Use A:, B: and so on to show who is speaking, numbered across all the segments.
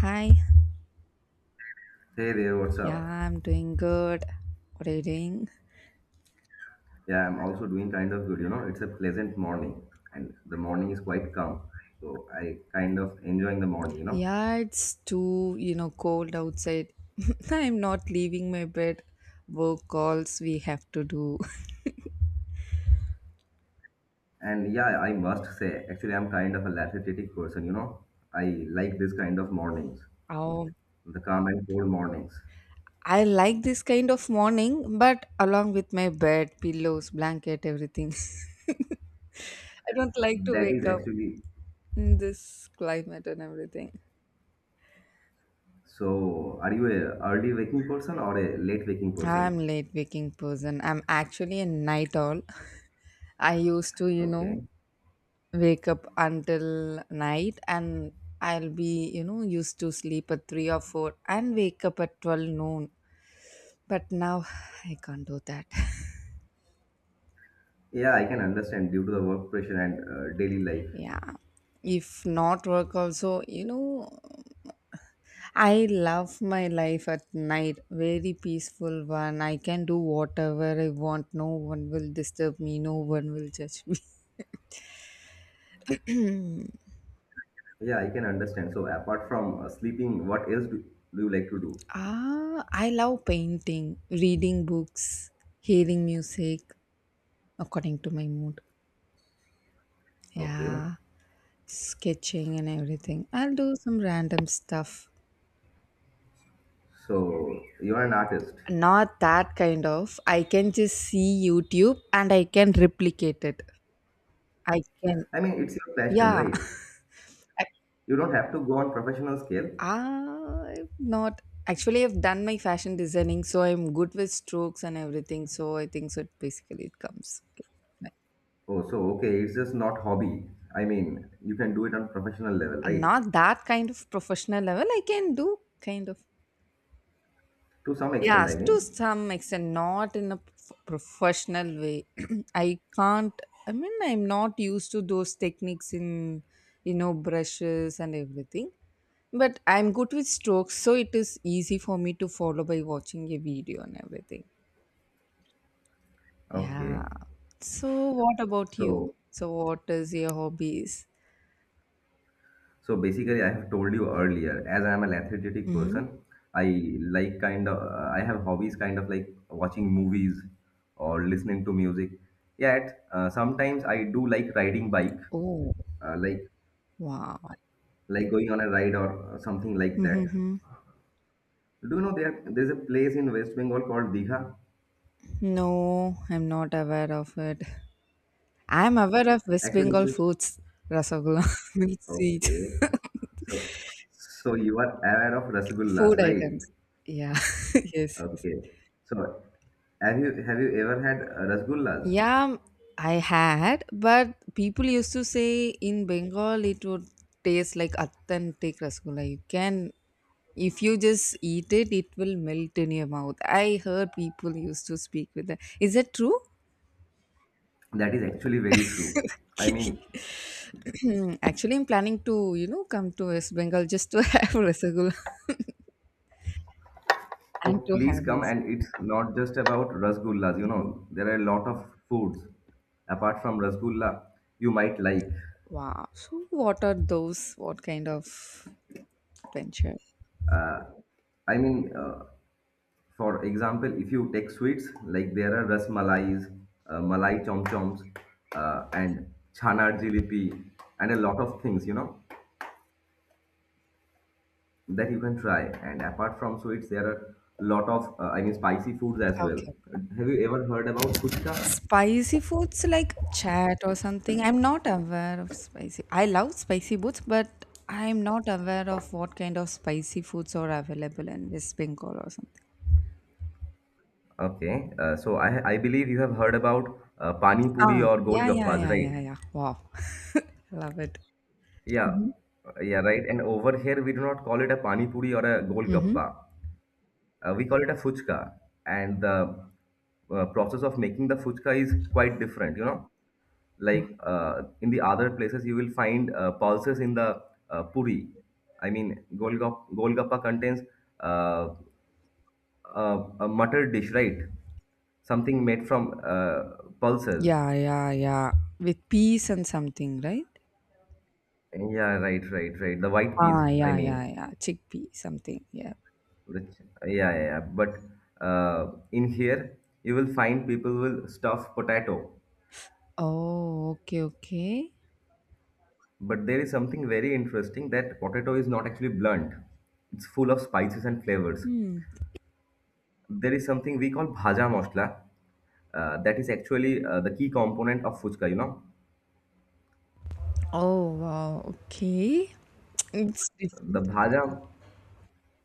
A: Hi.
B: Hey there, what's
A: Yeah,
B: up?
A: I'm doing good. What are you doing?
B: Yeah, I'm also doing kind of good. It's a pleasant morning and the morning is quite calm. So I kind of enjoying the morning.
A: Yeah, it's too, cold outside. I'm not leaving my bed. Work calls we have to do.
B: And yeah, I must say, actually I'm kind of a lethargic person. I like this kind of mornings,
A: Oh,
B: the calm and cold mornings.
A: I like this kind of morning, but along with my bed, pillows, blanket, everything. I don't like to
B: That
A: wake
B: is
A: up
B: actually
A: in this climate and everything.
B: So are you a early waking person or a late waking
A: I'm
B: person?
A: late waking person. I'm actually a night owl. I used to,
B: Okay.
A: wake up until night and I'll be, used to sleep at 3 or 4 and wake up at 12 noon. But now I can't do that.
B: Yeah, I can understand due to the work pressure and daily life.
A: Yeah. If not work also, I love my life at night. Very peaceful one. I can do whatever I want. No one will disturb me. No one will judge me.
B: Yeah, I can understand. So apart from sleeping, what else do you like to do?
A: Ah, I love painting, reading books, hearing music according to my mood.
B: Okay.
A: Yeah, sketching and everything. I'll do some random stuff.
B: So you are an artist.
A: Not that kind of. I can just see YouTube and I can replicate it. I can.
B: I mean, it's your passion,
A: Yeah.
B: right?
A: I,
B: You don't have to go on professional scale.
A: I'm not. Actually, I've done my fashion designing, so I'm good with strokes and everything. So I think so. It Basically, it comes. Like,
B: Oh, so okay, it's just not hobby. I mean, you can do it on professional level, right?
A: not that kind of professional level. I can do kind of.
B: To some extent,
A: Yes,
B: I
A: to
B: mean.
A: some extent, not in a professional way. I can't. I mean, I'm not used to those techniques in, brushes and everything. But I'm good with strokes, so it is easy for me to follow by watching a video and everything. Yeah.
B: Okay.
A: So, what about you?
B: So
A: So, what is your hobbies?
B: so basically, I have told you earlier, as I am an athletic
A: Mm-hmm.
B: person, I like kind of, I have hobbies kind of like watching movies or listening to music. Yet sometimes I do like riding bike,
A: Oh,
B: uh, like
A: wow.
B: like going on a ride or something like that.
A: Mm-hmm.
B: Do you know there's a place in West Bengal called Digha?
A: No, I'm not aware of it. I'm aware of West
B: Actually, it's
A: Bengal
B: a,
A: foods, rasagulla, milk sweet,
B: okay. So you are aware of rasgullas,
A: food
B: right?
A: items. Yeah, yes, yes.
B: Okay. So have you ever had rasgullas?
A: Yeah, I had, but people used to say in Bengal it would taste like authentic rasgulla. You can, if you just eat it, it will melt in your mouth. I heard people used to speak with that. Is that true?
B: That is actually very true. I mean,
A: Actually, I'm planning to, come to West Bengal just to have rasgulla
B: so
A: and to
B: please
A: have
B: come,
A: it.
B: and it's not just about rasgullas. You know, there are a lot of foods apart from rasgulla you might like.
A: Wow. So, what are those? What kind of adventure?
B: Uh, I mean, uh, for example, if you take sweets, like there are ras malais, malai chom choms, and chanar jilipi, and a lot of things, you know, that you can try. And apart from sweets, there are a lot of, spicy foods as well.
A: Okay.
B: Have you ever heard about fuchka?
A: Spicy foods like chat or something. I'm not aware of spicy. I love spicy foods, but I'm not aware of what kind of spicy foods are available in West Bengal or something.
B: Okay, so I believe you have heard about pani puri
A: Ah,
B: or
A: yeah, yeah,
B: golgappas,
A: yeah,
B: right?
A: yeah, yeah. Wow. Love it.
B: Yeah,
A: Mm-hmm.
B: yeah, right. And over here we do not call it a pani puri or a
A: Mm-hmm.
B: golgappa. We call it a fuchka, and the process of making the fuchka is quite different. You know, like in the other places you will find pulses in the puri. I mean, golgappa contains uh, a, a muttered dish, right? Something made from pulses.
A: Yeah, yeah, yeah. With peas and something, right?
B: Yeah, right, right, right. The white peas,
A: Ah,
B: I
A: yeah, yeah,
B: mean,
A: yeah. Chickpea, something. Yeah.
B: the ch- yeah, yeah, yeah. But uh, in here, you will find people will stuff potato.
A: Oh, okay, okay.
B: But there is something very interesting that potato is not actually blunt. It's full of spices and flavors.
A: Hmm.
B: There is something we call bhaja masala. That is actually the key component of fuchka.
A: Oh, wow. Okay. It's
B: The
A: different.
B: bhaja,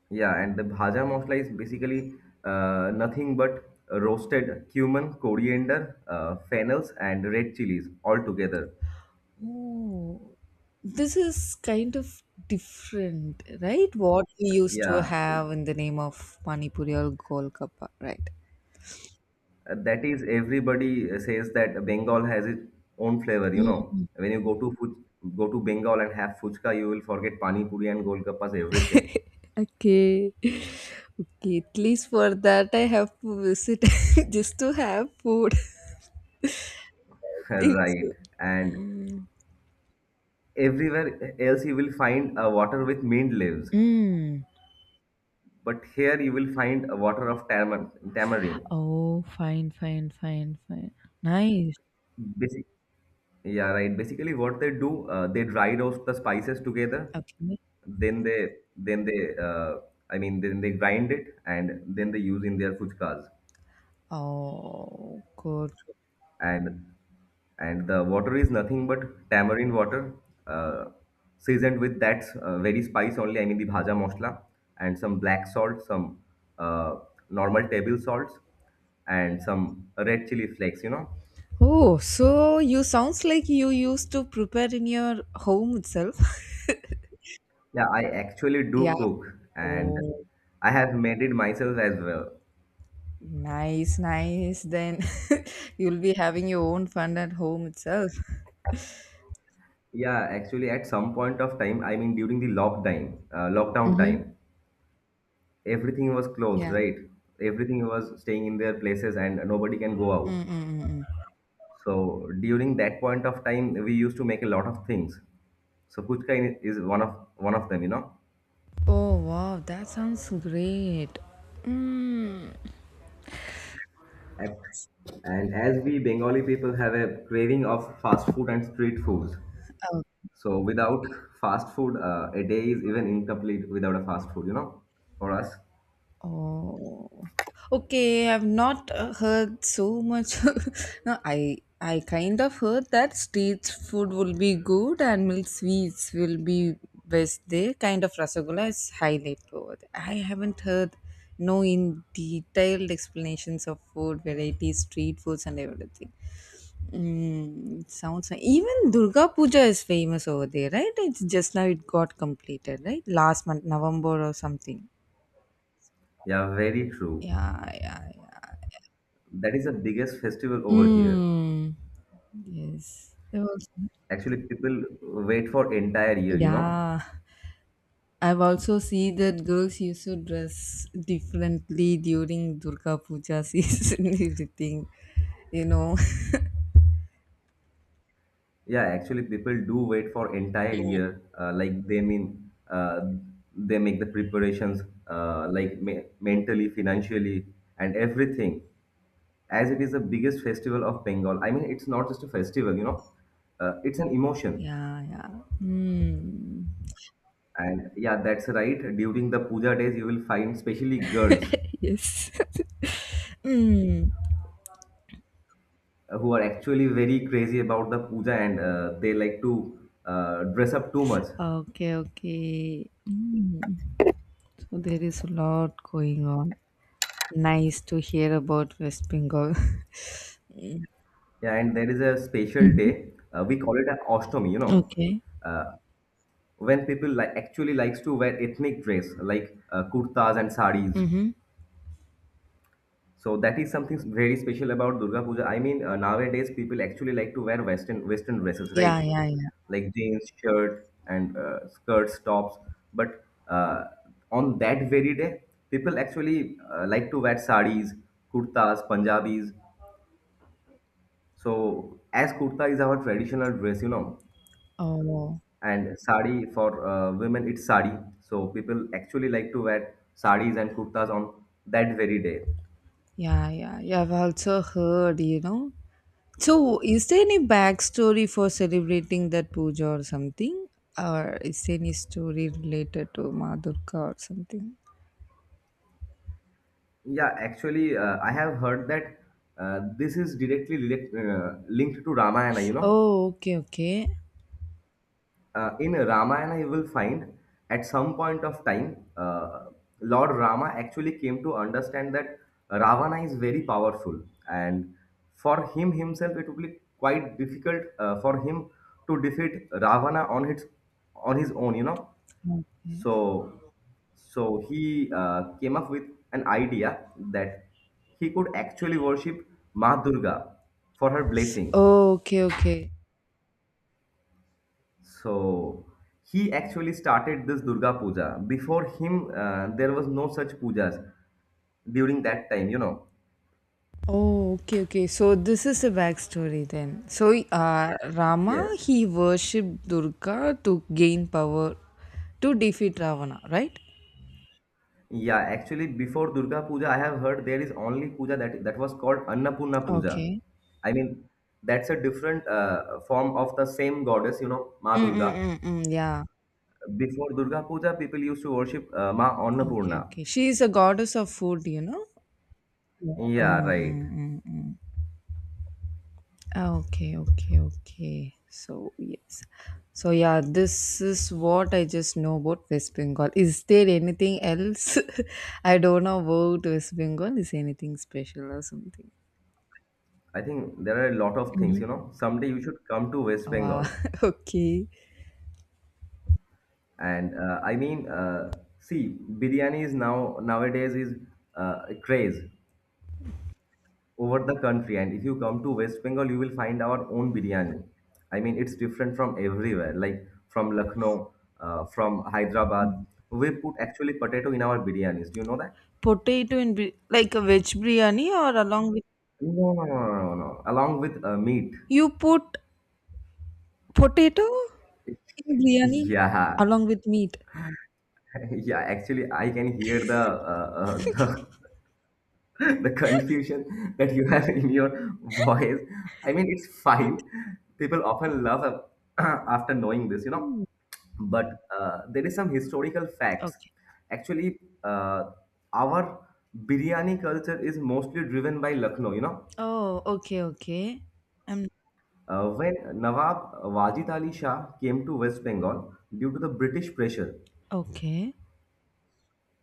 B: Yeah, and the bhaja masala is basically nothing but roasted cumin, coriander, fennels, and red chilies all together.
A: Oh, this is kind of different, right? What we used to
B: Yeah,
A: have in the name of Pani Puri or Golgappa, right?
B: that is everybody says that Bengal has its own flavor. You
A: Mm,
B: know, when you go to go to Bengal and have fuchka, you will forget pani puri and golgappas, everything.
A: okay. Okay, at least for that I have to visit just to have food. Think
B: Right,
A: so.
B: and
A: Mm.
B: everywhere else you will find a water with mint leaves,
A: Mm.
B: but here you will find a water of tamarind.
A: Oh, fine, fine, fine, fine. Nice.
B: Basic. Yeah, right. Basically, what they do, they dry roast the spices together.
A: Okay.
B: Then they, then they, uh, then they grind it and then they use in their fuchkas.
A: Oh, good.
B: And and the water is nothing but tamarind water, uh, seasoned with that very spice only. I mean, the bhaja masala and some black salt, some uh, normal table salts, and some red chili flakes. You know,
A: Oh, so you sounds like you used to prepare in your home itself.
B: yeah, I actually
A: Yeah.
B: do cook and
A: Oh,
B: I have made it myself as well.
A: nice, nice. Then you'll be having your own fun at home itself.
B: Yeah, actually at some point of time, I mean during the lockdown,
A: Mm-hmm.
B: everything was closed,
A: Yeah.
B: right? Everything was staying in their places and nobody can go out.
A: Mm-mm-mm.
B: So during that point of time, we used to make a lot of things. So puchka is one of them.
A: Oh, wow. That sounds great. Mm.
B: Ac- And as we Bengali people have a craving of fast food and street foods. So without fast food, a day is even incomplete without a fast food, for us.
A: Oh, okay. I've not heard so much. No, I kind of heard that street food will be good and milk sweets will be best there. Kind of rasagola is highlight over there. I haven't heard no in detailed explanations of food varieties, street foods, and everything. Mm, sounds like even Durga Puja is famous over there, right? It's just now it got completed, right? Last month, November or something.
B: Yeah, very true.
A: Yeah, yeah, yeah.
B: That is the biggest festival over here.
A: Mm. Yes. I've also
B: Actually, people wait for entire year, you know.
A: Yeah. I've also seen that girls used to dress differently during Durga Puja season and everything. You know?
B: Yeah, actually, people do wait for entire year. They make the preparations, mentally, financially, and everything. As it is the biggest festival of Bengal. I mean, it's not just a festival, you know. It's an emotion.
A: Yeah, yeah. Mm.
B: And yeah, that's right. During the puja days, you will find especially girls
A: Yes. Mm.
B: who are actually very crazy about the puja and they like to dress up too much.
A: Okay, okay. Mm. So there is a lot going on. Nice to hear about West Bengal.
B: Yeah, and there is a special
A: Hmm.
B: day. We call it an ostomy, you know,
A: Okay.
B: uh, when people like actually likes to wear ethnic dress like kurtas and saris.
A: Mm-hmm.
B: So that is something very special about Durga Puja. I mean, nowadays people actually like to wear Western dresses,
A: Yeah,
B: right?
A: yeah, yeah.
B: Like jeans, shirt, and skirts, tops. But on that very day, people actually like to wear saris, kurtas, Punjabis. So as kurta is our traditional dress, you know,
A: Oh.
B: and sari for women, it's sari. So people actually like to wear saris and kurtas on that very day.
A: Yeah, yeah, yeah. I've also heard. So, is there any backstory for celebrating that puja or something? Or is there any story related to Ma or something?
B: Yeah, actually, I have heard that this is directly linked to Ramayana. You know,
A: Oh, okay, okay.
B: in Ramayana, you will find at some point of time, Lord Rama actually came to understand that Ravana is very powerful, and for him himself, it would be quite difficult for him to defeat Ravana on his own. You know,
A: Okay.
B: so, so he came up with an idea that he could actually worship Ma Durga for her blessing.
A: Oh, okay, okay.
B: So, he actually started this Durga Puja. Before him, there was no such pujas during that time, you know.
A: Oh, okay, okay. So, this is the backstory then. So, Rama,
B: Yes.
A: he worshipped Durga to gain power to defeat Ravana, right?
B: Yeah, actually, before Durga Puja, I have heard there is only puja that was called Annapurna Puja.
A: Okay.
B: I mean, that's a different form of the same goddess, you know, Ma Durga.
A: Mm-mm-mm-mm. Yeah,
B: Before Durga Puja, people used to worship Ma
A: okay,
B: Annapurna.
A: okay. She is a goddess of food, you know? Yeah.
B: Yeah,
A: Mm,
B: right.
A: mm, mm, mm. Okay, okay, okay. So, yes. So, yeah, this is what I just know about West Bengal. Is there anything else? I don't know about West Bengal. Is anything special or something?
B: I think there are a lot of things,
A: Hmm.
B: you know. Someday you should come to West
A: Wow,
B: Bengal.
A: okay.
B: And I mean, see, Biryani is nowadays is a craze over the country. And if you come to West Bengal, you will find our own biryani. I mean, it's different from everywhere, like from Lucknow, from Hyderabad. We put actually potato in our biryanis. Do you know that?
A: Potato and like a veg biryani or along with
B: No, no, no, no, no, no. Along with meat.
A: you put potato in biryani
B: Yeah,
A: along with meat.
B: yeah. Actually, I can hear the uh, uh, the confusion that you have in your voice. I mean, it's fine. People often laugh after knowing this, you know. But there is some historical facts.
A: Okay.
B: Actually, uh, our biryani culture is mostly driven by Lucknow, you know.
A: Oh, okay, okay. I'm
B: When Nawab Wajid Ali Shah came to West Bengal due to the British pressure,
A: okay.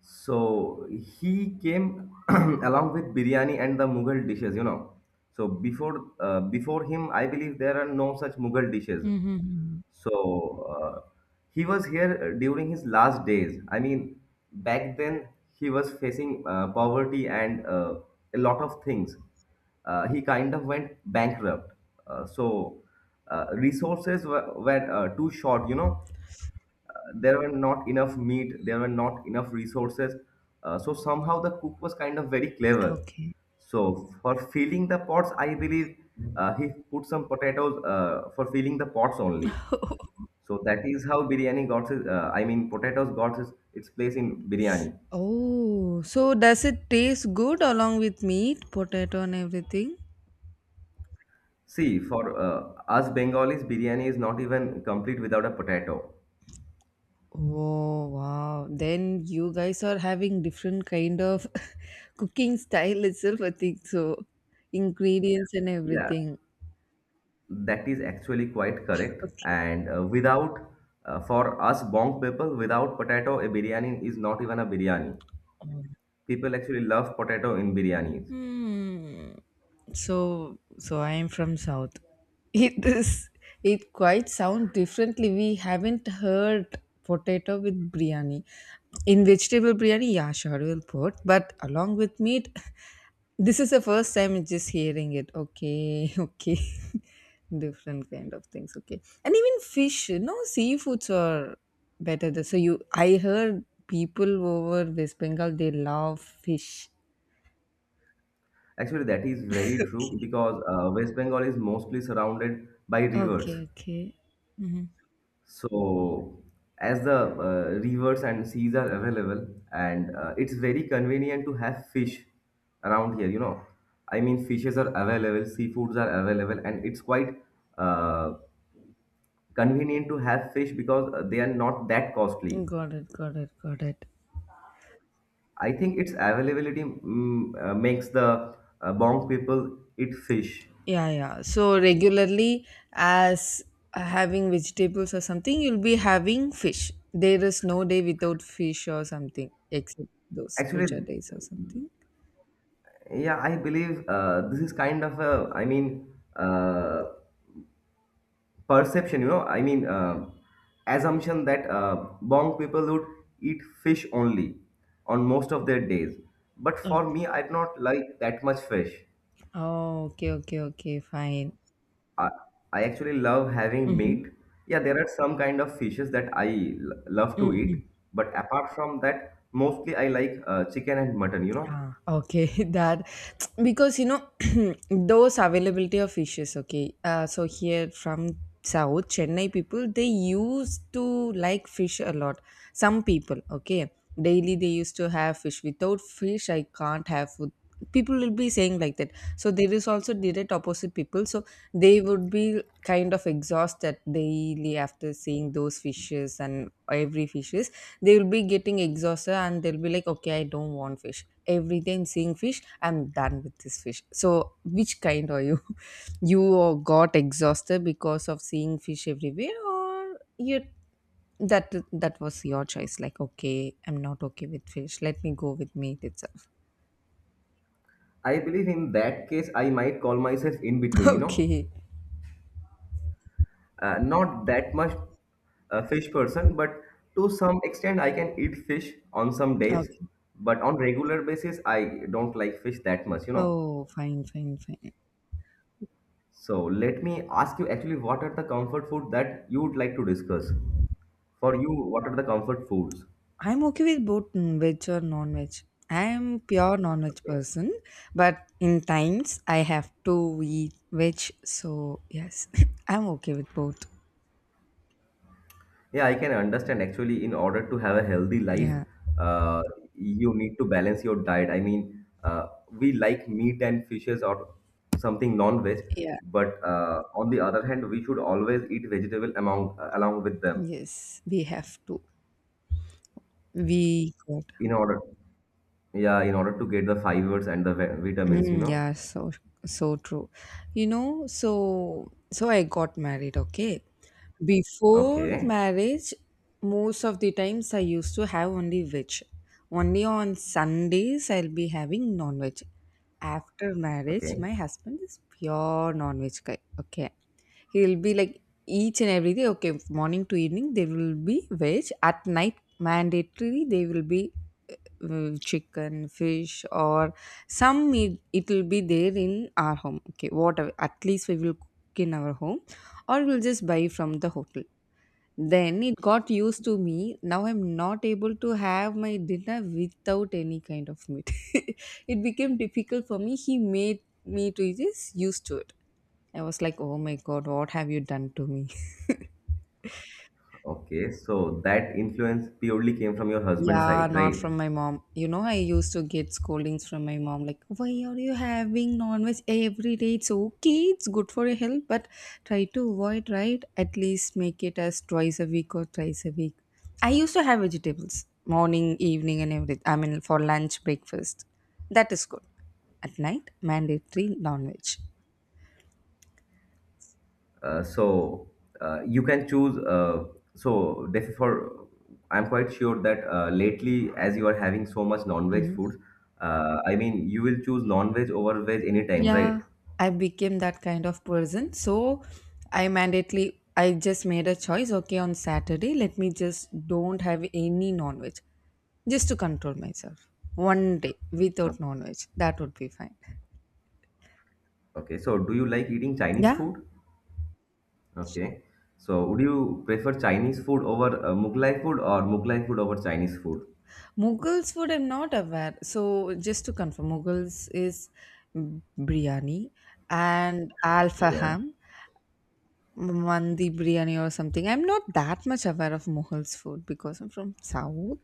B: so he came along with biryani and the Mughal dishes, you know. So before before him, I believe there are no such Mughal dishes.
A: Mm-hmm.
B: So uh, he was here during his last days. I mean, back then he was facing poverty and a lot of things. He kind of went bankrupt. So resources were too short, you know, there were not enough meat, there were not enough resources, so somehow the cook was kind of very clever.
A: Okay.
B: So for filling the pots, I believe he put some potatoes for filling the pots only. So that is how biryani got his, I mean potatoes got its place in biryani.
A: Oh, so does it taste good along with meat, potato, and everything?
B: See, for us Bengalis biryani is not even complete without a potato.
A: Oh, wow. Then you guys are having different kind of cooking style itself, I think so. Ingredients and
B: Yeah,
A: everything.
B: that is actually quite correct.
A: Okay.
B: And without, for us Bong people, without potato, a biryani is not even a biryani. People actually love potato in biryanis.
A: Hmm. So, I am from South. It is. It quite sound differently. We haven't heard potato with biryani. In vegetable biryani, yeah, sure we'll put. But along with meat, this is the first time I'm just hearing it. Okay, okay. Different kind of things. Okay, and even fish. No seafoods are better. So I heard people over West Bengal they love fish.
B: Actually, that is very true because West Bengal is mostly surrounded by rivers.
A: Okay, okay. Hmm.
B: So, as the rivers and seas are available, and it's very convenient to have fish around here, you know. I mean, fishes are available, seafoods are available, and it's quite uh, convenient to have fish because they are not that costly.
A: Got it, got it, got it.
B: I think its availability makes the Bong people eat fish.
A: Yeah, yeah. So regularly, as having vegetables or something, you'll be having fish. There is no day without fish or something, except those puja
B: Actually,
A: days or something.
B: yeah, I believe this is kind of a, I mean, perception, you know, I mean, assumption that Bong people would eat fish only on most of their days. But
A: Oh,
B: for me, I do not like that much fish.
A: oh, okay, okay, okay. Fine.
B: I, I actually love having
A: Mm-hmm.
B: meat. Yeah, there are some kind of fishes that love to
A: Mm-hmm.
B: eat, but apart from that, mostly I like chicken and mutton, you know.
A: Ah, okay, that because those availability of fishes. Okay, so here from South Chennai people they used to like fish a lot. Some people, okay, daily they used to have fish. Without fish, I can't have food. People will be saying like that. So there is also direct opposite people. So they would be kind of exhausted daily after seeing those fishes and every fishes they will be getting exhausted and they'll be like, okay, I don't want fish. Every time seeing fish, I'm done with this fish. So, which kind are you? You got exhausted because of seeing fish everywhere, or you that that was your choice? Like, okay, I'm not okay with fish. Let me go with meat itself.
B: I believe in that case, I might call myself in between, you know.
A: okay.
B: Not that much a fish person, but to some extent, I can eat fish on some days,
A: Okay.
B: but on regular basis, I don't like fish that much, you know.
A: Oh, fine, fine, fine.
B: So let me ask you actually, what are the comfort food that you would like to discuss? For you, what are the comfort foods?
A: I'm okay with both veg or non-veg. I am pure non-veg
B: Okay.
A: person, but in times I have to eat veg. So yes, I'm okay with both.
B: Yeah, I can understand. Actually, in order to have a healthy life,
A: Yeah,
B: uh, you need to balance your diet. We like meat and fishes or something non-veg,
A: yeah,
B: but on the other hand, we should always eat vegetable among along with them
A: yes, we have to. We got
B: in order, yeah, in order to get the fibers and the vitamins, you know.
A: yeah, so true. You know, so I got married. Okay, before
B: Okay,
A: marriage, most of the times I used to have only veg. Only on Sundays I'll be having non-veg. After marriage,
B: okay,
A: my husband is pure non-veg guy. Okay. He'll be like each and every day, okay, morning to evening, there will be veg. At night, mandatory, they will be chicken, fish, or some meat. It will be there in our home. Okay. Whatever. At least we will cook in our home, or we'll just buy from the hotel. Then it got used to me. Now I'm not able to have my dinner without any kind of meat. It became difficult for me. He made me to just used to it. I was like, oh my god, what have you done to me?
B: okay. So that influence purely came from your husband's
A: Yeah,
B: side,
A: not
B: right?
A: from my mom. You know, I used to get scoldings from my mom, like, why are you having non-veg every day? It's okay, it's good for your health, but try to avoid, right? At least make it as twice a week or thrice a week. I used to have vegetables morning, evening, and everything. I mean, for lunch, breakfast. That is good. At night, mandatory non-veg.
B: Uh, so you can choose. So therefore, I'm quite sure that lately, as you are having so much non-veg foods, I mean, you will choose non-veg over veg anytime, right?
A: Yeah, I became that kind of person. So I just made a choice, okay, on Saturday, let me just don't have any non-veg just to control myself. One day
B: Uh,
A: without non-veg, that would be fine.
B: okay. So do you like eating Chinese
A: Yeah,
B: food? Okay. So would you prefer Chinese food over Mughlai food or Mughlai food over Chinese food?
A: Mughals food I'm not aware. So just to confirm, Mughals is biryani and
B: Yeah.
A: alfaham, mandi biryani or something. I'm not that much aware of Mughals food because I'm from South.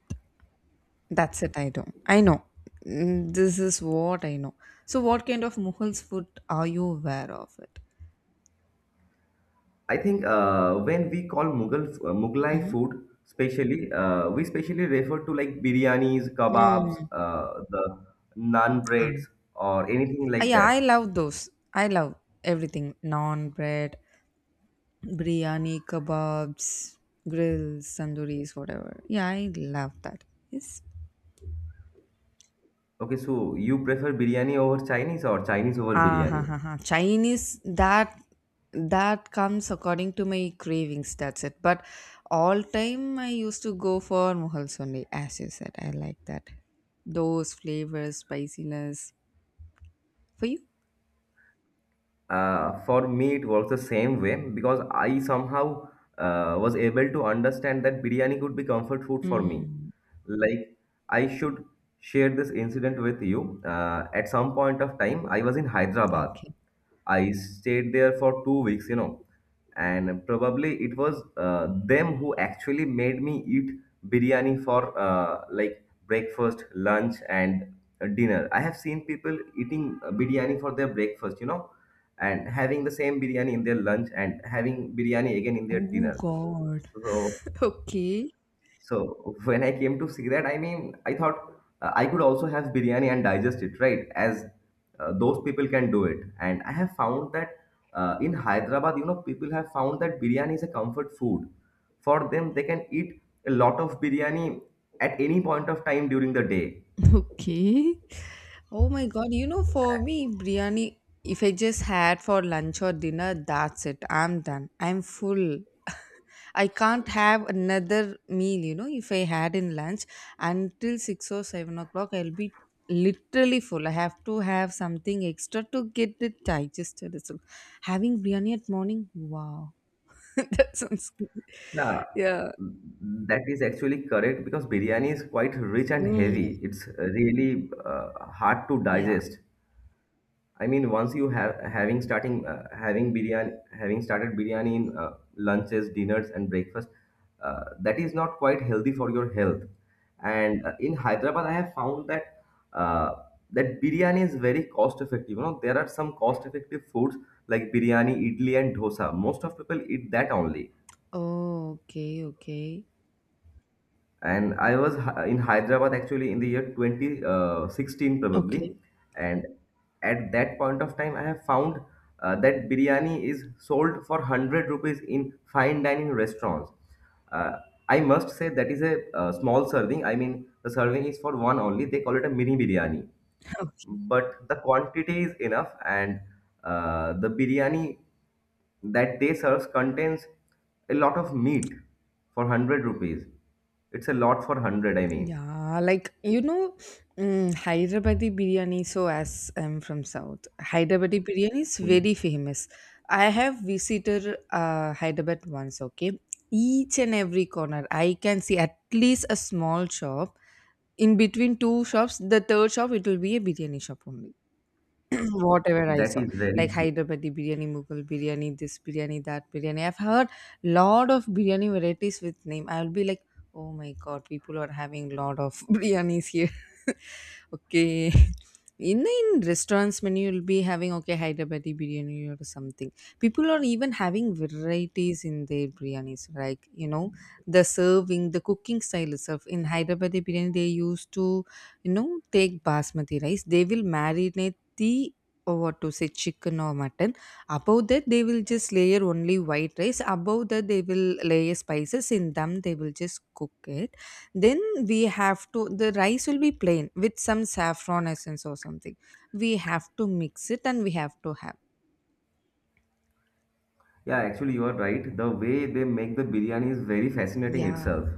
A: That's it, I don't. I know. Mm, this is what I know. So, what kind of Mughals food are you aware of it?
B: I think when we call Mughal Mughlai
A: Mm-hmm.
B: food, specially we specially refer to like biryanis, kebabs,
A: Mm.
B: the naan
A: Um,
B: breads, or anything like
A: yeah,
B: that.
A: I love those. I love everything. Non bread, biryani, kebabs, grills, tandooris, whatever. Yeah, I love that. Yes.
B: Okay, so you prefer biryani over Chinese or Chinese over
A: Ah, ha,
B: biryani?
A: ha, ha. Chinese that comes according to my cravings. That's it. But all time I used to go for muhals only, as you said. I like that. Those flavors, spiciness for you.
B: For me, it works the same way because I somehow was able to understand that biryani could be comfort food for me.
A: Mm,
B: Like, I should share this incident with you. At some point of time, I was in Hyderabad.
A: okay.
B: I stayed there for 2 weeks, you know, and probably it was them who actually made me eat biryani for like breakfast, lunch, and dinner. I have seen people eating biryani for their breakfast, you know, and having the same biryani in their lunch and having biryani again in their
A: Oh
B: dinner.
A: God.
B: so
A: Okay.
B: so when I came to see that, I mean, I thought I could also have biryani and digest it, right? As those people can do it. And I have found that in Hyderabad, you know, people have found that biryani is a comfort food. For them, they can eat a lot of biryani at any point of time during the day.
A: Okay. Oh my god, for me, biryani, if I just had for lunch or dinner, that's it. I'm done. I'm full. I can't have another meal, you know, if I had in lunch until 6 or 7 o'clock, I'll be literally full. I have to have something extra to get it digested. So having biryani at morning, wow, that sounds good.
B: Yeah,
A: Yeah.
B: that is actually correct because biryani is quite rich and
A: Mm,
B: heavy. It's really hard to
A: yeah.
B: digest. I mean, once you have having starting having biryani, having started biryani in lunches, dinners, and breakfast, that is not quite healthy for your health. And in Hyderabad, I have found that uh, that biryani is very cost effective. You know, there are some cost effective foods like biryani, idli, and dosa. Most of people eat that only.
A: Oh, okay, okay.
B: And in Hyderabad actually in the year 2016
A: Okay.
B: probably, and at that point of time I have found that biryani is sold for 100 rupees in fine dining restaurants. Uh, I must say that is a small serving. I mean the serving is for one only. They call it a mini biryani, but the quantity is enough and the biryani that they serves contains a lot of meat for 100 rupees. It's a lot for 100, I mean.
A: Yeah, like you know, mm, Hyderabadi biryani. So, as I'm from South, Hyderabadi biryani is
B: you
A: very famous. I have visited Hyderabad once. Okay, each and every corner, I can see at least a small shop. In between two shops, the third shop it will be a biryani shop only whatever I
B: That
A: saw,
B: is very
A: like
B: true.
A: Hyderabadi biryani, Mughal biryani, this biryani, that biryani. I've heard lot of biryani varieties with name. I'll be like, oh my god, people are having lot of biryanis here. Okay. In restaurants menu you'll be having okay Hyderabadi biryani or something. People are even having varieties in their biryanis, like you know, the serving, the cooking style itself. In Hyderabadi biryani, they used to, you know, take basmati rice. They will marinate the or what to say chicken or mutton, above that they will just layer only white rice, above that they will layer spices in them, they will just cook it. Then we have to, the rice will be plain with some saffron essence or something, we have to mix it and we have to have.
B: Yeah, actually, you are right. The way they make the biryani is very fascinating
A: Yeah.
B: itself.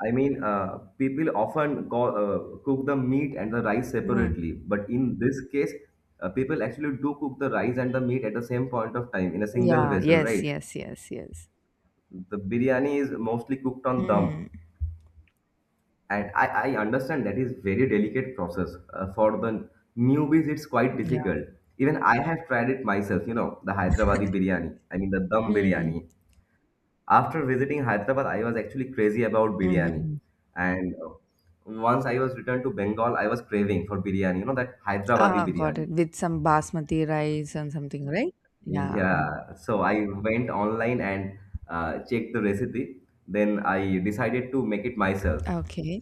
B: I mean, uh, people often call, uh, Cook the meat and the rice
A: Mm.
B: separately, but in this case, people actually do cook the rice and the meat at the same point of time in a single
A: Yeah,
B: vessel,
A: yes,
B: right?
A: yes, yes, yes.
B: The biryani is mostly cooked on dum,
A: Mm.
B: and I understand that is very delicate process. For the newbies, it's quite
A: Yeah.
B: difficult. Even I have tried it myself, you know, the Hyderabadi biryani. I mean, the dum
A: Mm.
B: biryani. After visiting Hyderabad, I was actually crazy about biryani.
A: Mm-hmm.
B: And Once I was returned to Bengal, I was craving for biryani, you know, that Hyderabadi
A: Ah, got it.
B: biryani.
A: With some basmati rice and something, right? Yeah. Mm.
B: Yeah, so I went online and checked the recipe. Then I decided to make it myself.
A: Okay.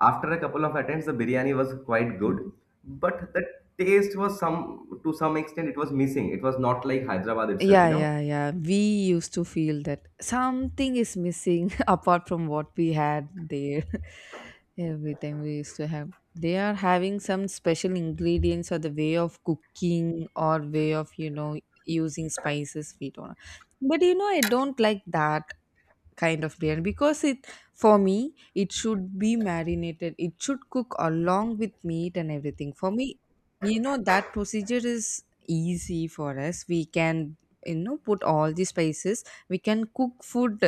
B: After a couple of attempts, the biryani was quite
A: Mm-hmm.
B: good, but the taste was some to some extent it was missing. It was not like Hyderabad itself,
A: Yeah,
B: you know.
A: yeah, yeah, we used to feel that something is missing apart from what we had there. Every time we used to have, they are having some special ingredients or the way of cooking or way of, you know, using spices. We don't. But you know, I don't like that kind of biryani because it, for me it should be marinated, it should cook along with meat and everything. For me, you know, that procedure is easy for us. We can, you know, put all the spices, we can cook food,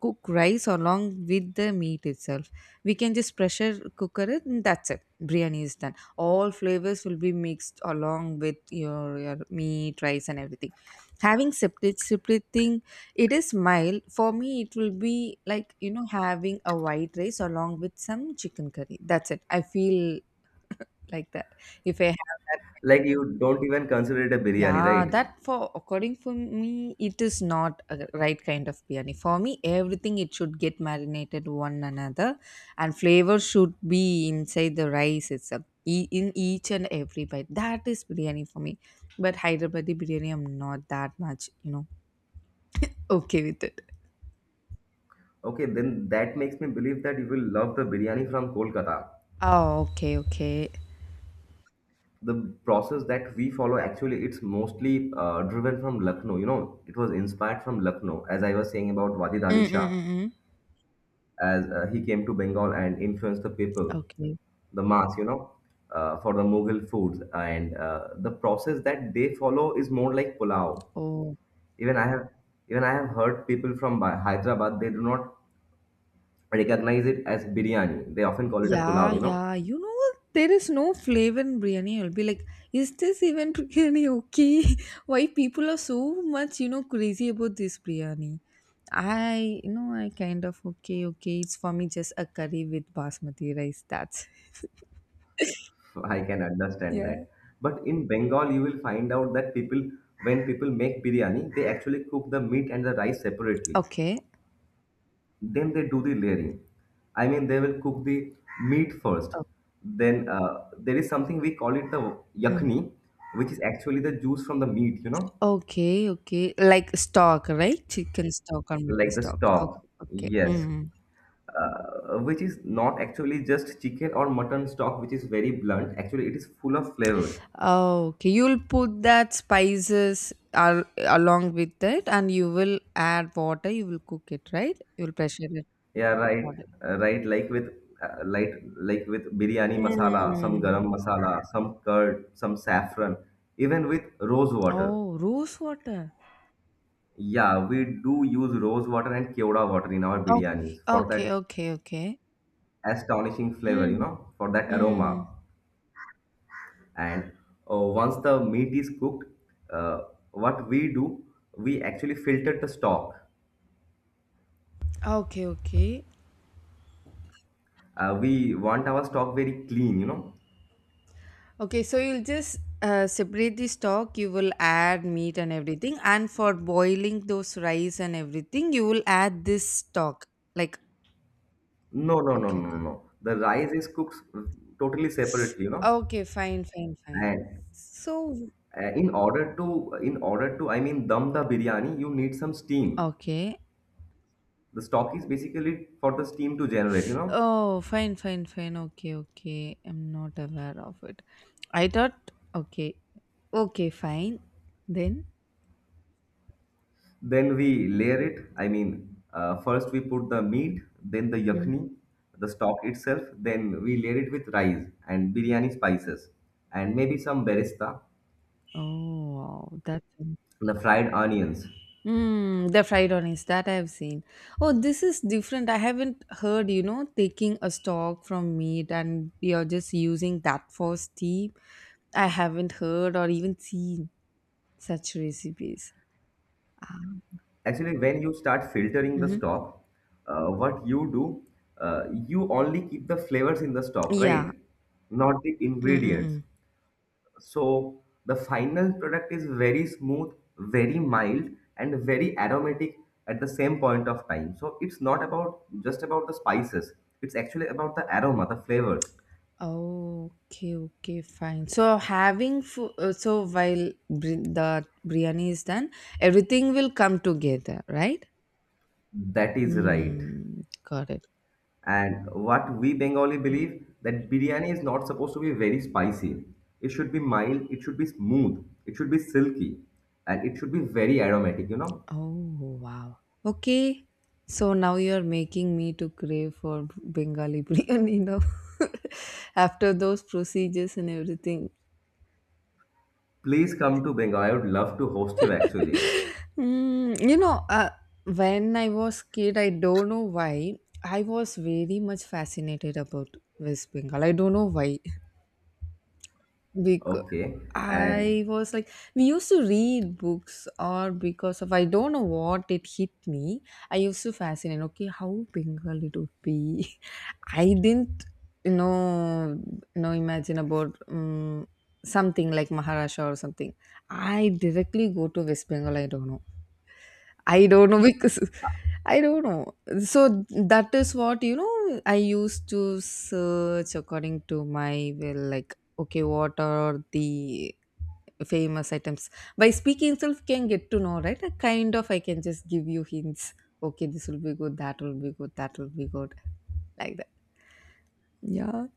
A: cook rice along with the meat itself. We can just pressure cooker it and that's it, biryani is done. All flavors will be mixed along with your meat, rice and everything. Having separate, separating, it is mild. For me, it will be like, you know, having a white rice along with some chicken curry. That's it. I feel like that. If I have that,
B: Like you don't even consider it a biryani,
A: yeah,
B: right?
A: that, for according for me, it is not a right kind of biryani. For me, everything it should get marinated one another, and flavor should be inside the rice itself. E- In each and every bite, that is biryani for me. But Hyderabadi biryani, I'm not that much, you know, okay with it.
B: Okay, then that makes me believe that you will love the biryani from Kolkata.
A: Oh, okay, okay.
B: The process that we follow actually it's mostly driven from Lucknow. You know, it was inspired from Lucknow, as I was saying about Wajid
A: Mm,
B: Ali
A: mm,
B: Shah,
A: mm, mm.
B: as he came to Bengal and influenced the people,
A: Okay.
B: the mass, you know, for the Mughal foods, and the process that they follow is more like pulao.
A: Oh.
B: Even I have even I have heard people from Hyderabad they do not recognize it as biryani. They often call it a
A: Yeah,
B: pulao. You know,
A: yeah. You know, there is no flavor in biryani. I'll be like, is this even biryani okay? Why people are so much, you know, crazy about this biryani? I, you know, I kind of okay, okay. It's for me just a curry with basmati rice. That's
B: I can understand
A: yeah.
B: that. But in Bengal, you will find out that people when people make biryani, they actually cook the meat and the rice separately.
A: Okay.
B: Then they do the layering. I mean, they will cook the meat first.
A: Oh,
B: Then there is something we call it the
A: mhm.
B: yakni, which is actually the juice from the meat, you know,
A: Okay, okay. Like stock, right? Chicken stock or mutton
B: like the
A: stock.
B: stock.
A: Okay, okay.
B: Yes,
A: Mm.
B: which is not actually just chicken or mutton stock, which is very blunt. Actually, it is full of flavors.
A: Oh, okay, you'll put that spices al- along with it, and you will add water. You will cook it, right? You'll pressure it.
B: Yeah, right,
A: Water.
B: uh, right. Like with like with biryani masala, some
A: Mm.
B: garam masala, some curd, some saffron, even with rose water.
A: Oh, rose water.
B: Yeah, we do use rose water and keoda water in our
A: Okay,
B: biryanis for
A: okay,
B: that
A: okay, okay.
B: astonishing flavor, you
A: Mm.
B: know, for that
A: Mm.
B: aroma. And once the meat is cooked, uh, what we do, we actually filter the stock.
A: Okay, okay.
B: We want our stock very clean, you know.
A: Okay, so you'll just separate the stock, you will add meat and everything, and for boiling those rice and everything, you will add this stock. Like,
B: No, no, no,
A: okay,
B: no,
A: okay.
B: no. The rice is cooked totally separately, you know.
A: Okay, fine, fine, fine.
B: And
A: So,
B: in order to, I mean, dum the biryani, you need some steam.
A: okay.
B: The stock is basically for the steam to generate, you know.
A: Oh, fine, fine, fine. Okay, okay. I'm not aware of it. I thought, okay, okay, fine. Then,
B: Then we layer it. First we put the meat, then the
A: mm,
B: yakni, the stock itself. Then we layer it with rice and biryani spices, and maybe some berista,
A: oh, wow. That's
B: the fried onions.
A: mm, the fried onions that I've seen. Oh, this is different. I haven't heard, you know, taking a stock from meat and you're just using that for steam. I haven't heard or even seen such recipes. Ah.
B: Actually, when you start filtering the
A: Mm-hmm.
B: stock, uh, what you do, you only keep the flavors in the stock,
A: Yeah.
B: right? Not the ingredients.
A: Mm-mm.
B: So the final product is very smooth, very mild, and very aromatic at the same point of time. So it's not about just about the spices. It's actually about the aroma, the flavors.
A: Okay, okay, fine. So having food, so while bri- the biryani is done, everything will come together, right?
B: That is right.
A: Mm, got it.
B: And what we Bengali believe that biryani is not supposed to be very spicy. It should be mild, it should be smooth, it should be silky, and it should be very aromatic, you know.
A: Oh, wow. Okay. So now you're making me to crave for Bengali biryani now. After those procedures and everything.
B: Please come to Bengal. I would love to host you actually.
A: Mm, you know, when I was kid, I don't know why, I was very much fascinated about West Bengal. I don't know why. Because
B: Okay. And
A: I was like, we used to read books, or because of I don't know what it hit me. I used to fascinate. Okay, how Bengal it would be. I didn't, you know, you know, imagine about something like Maharashtra or something. I directly go to West Bengal. I don't know. I don't know because I don't know. So that is what, you know, I used to search according to my will, like, okay, what are the famous items? By speaking itself can get to know, right? A kind of I can just give you hints. Okay, this will be good, that will be good, that will be good. Like that. Yeah.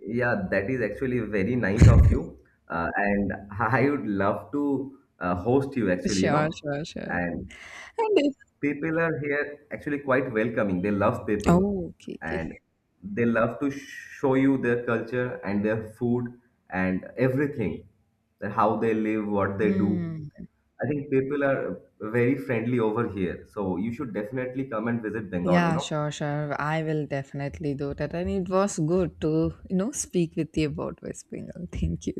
B: yeah, that is actually very nice of you. And I would love to host you actually, you
A: Sure,
B: know.
A: sure, sure.
B: And
A: And if,
B: people are here actually quite welcoming. They love people
A: oh, okay, okay.
B: and they love to show you their culture and their food and everything, that how they live, what they do.
A: Hmm.
B: I think people are very friendly over here. So you should definitely come and visit Bengal, you
A: Yeah,
B: know.
A: sure, sure. I will definitely do that. And it was good to, you know, speak with you about whispering. Thank you.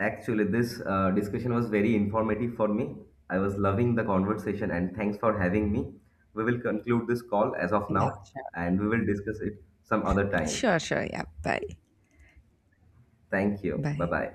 B: Actually, this discussion was very informative for me. I was loving the conversation and thanks for having me. We will conclude this call as of
A: Yeah,
B: now
A: sure.
B: and we will discuss it some other time.
A: Sure, sure. Yeah. Bye.
B: Thank you. Bye
A: Bye.
B: bye.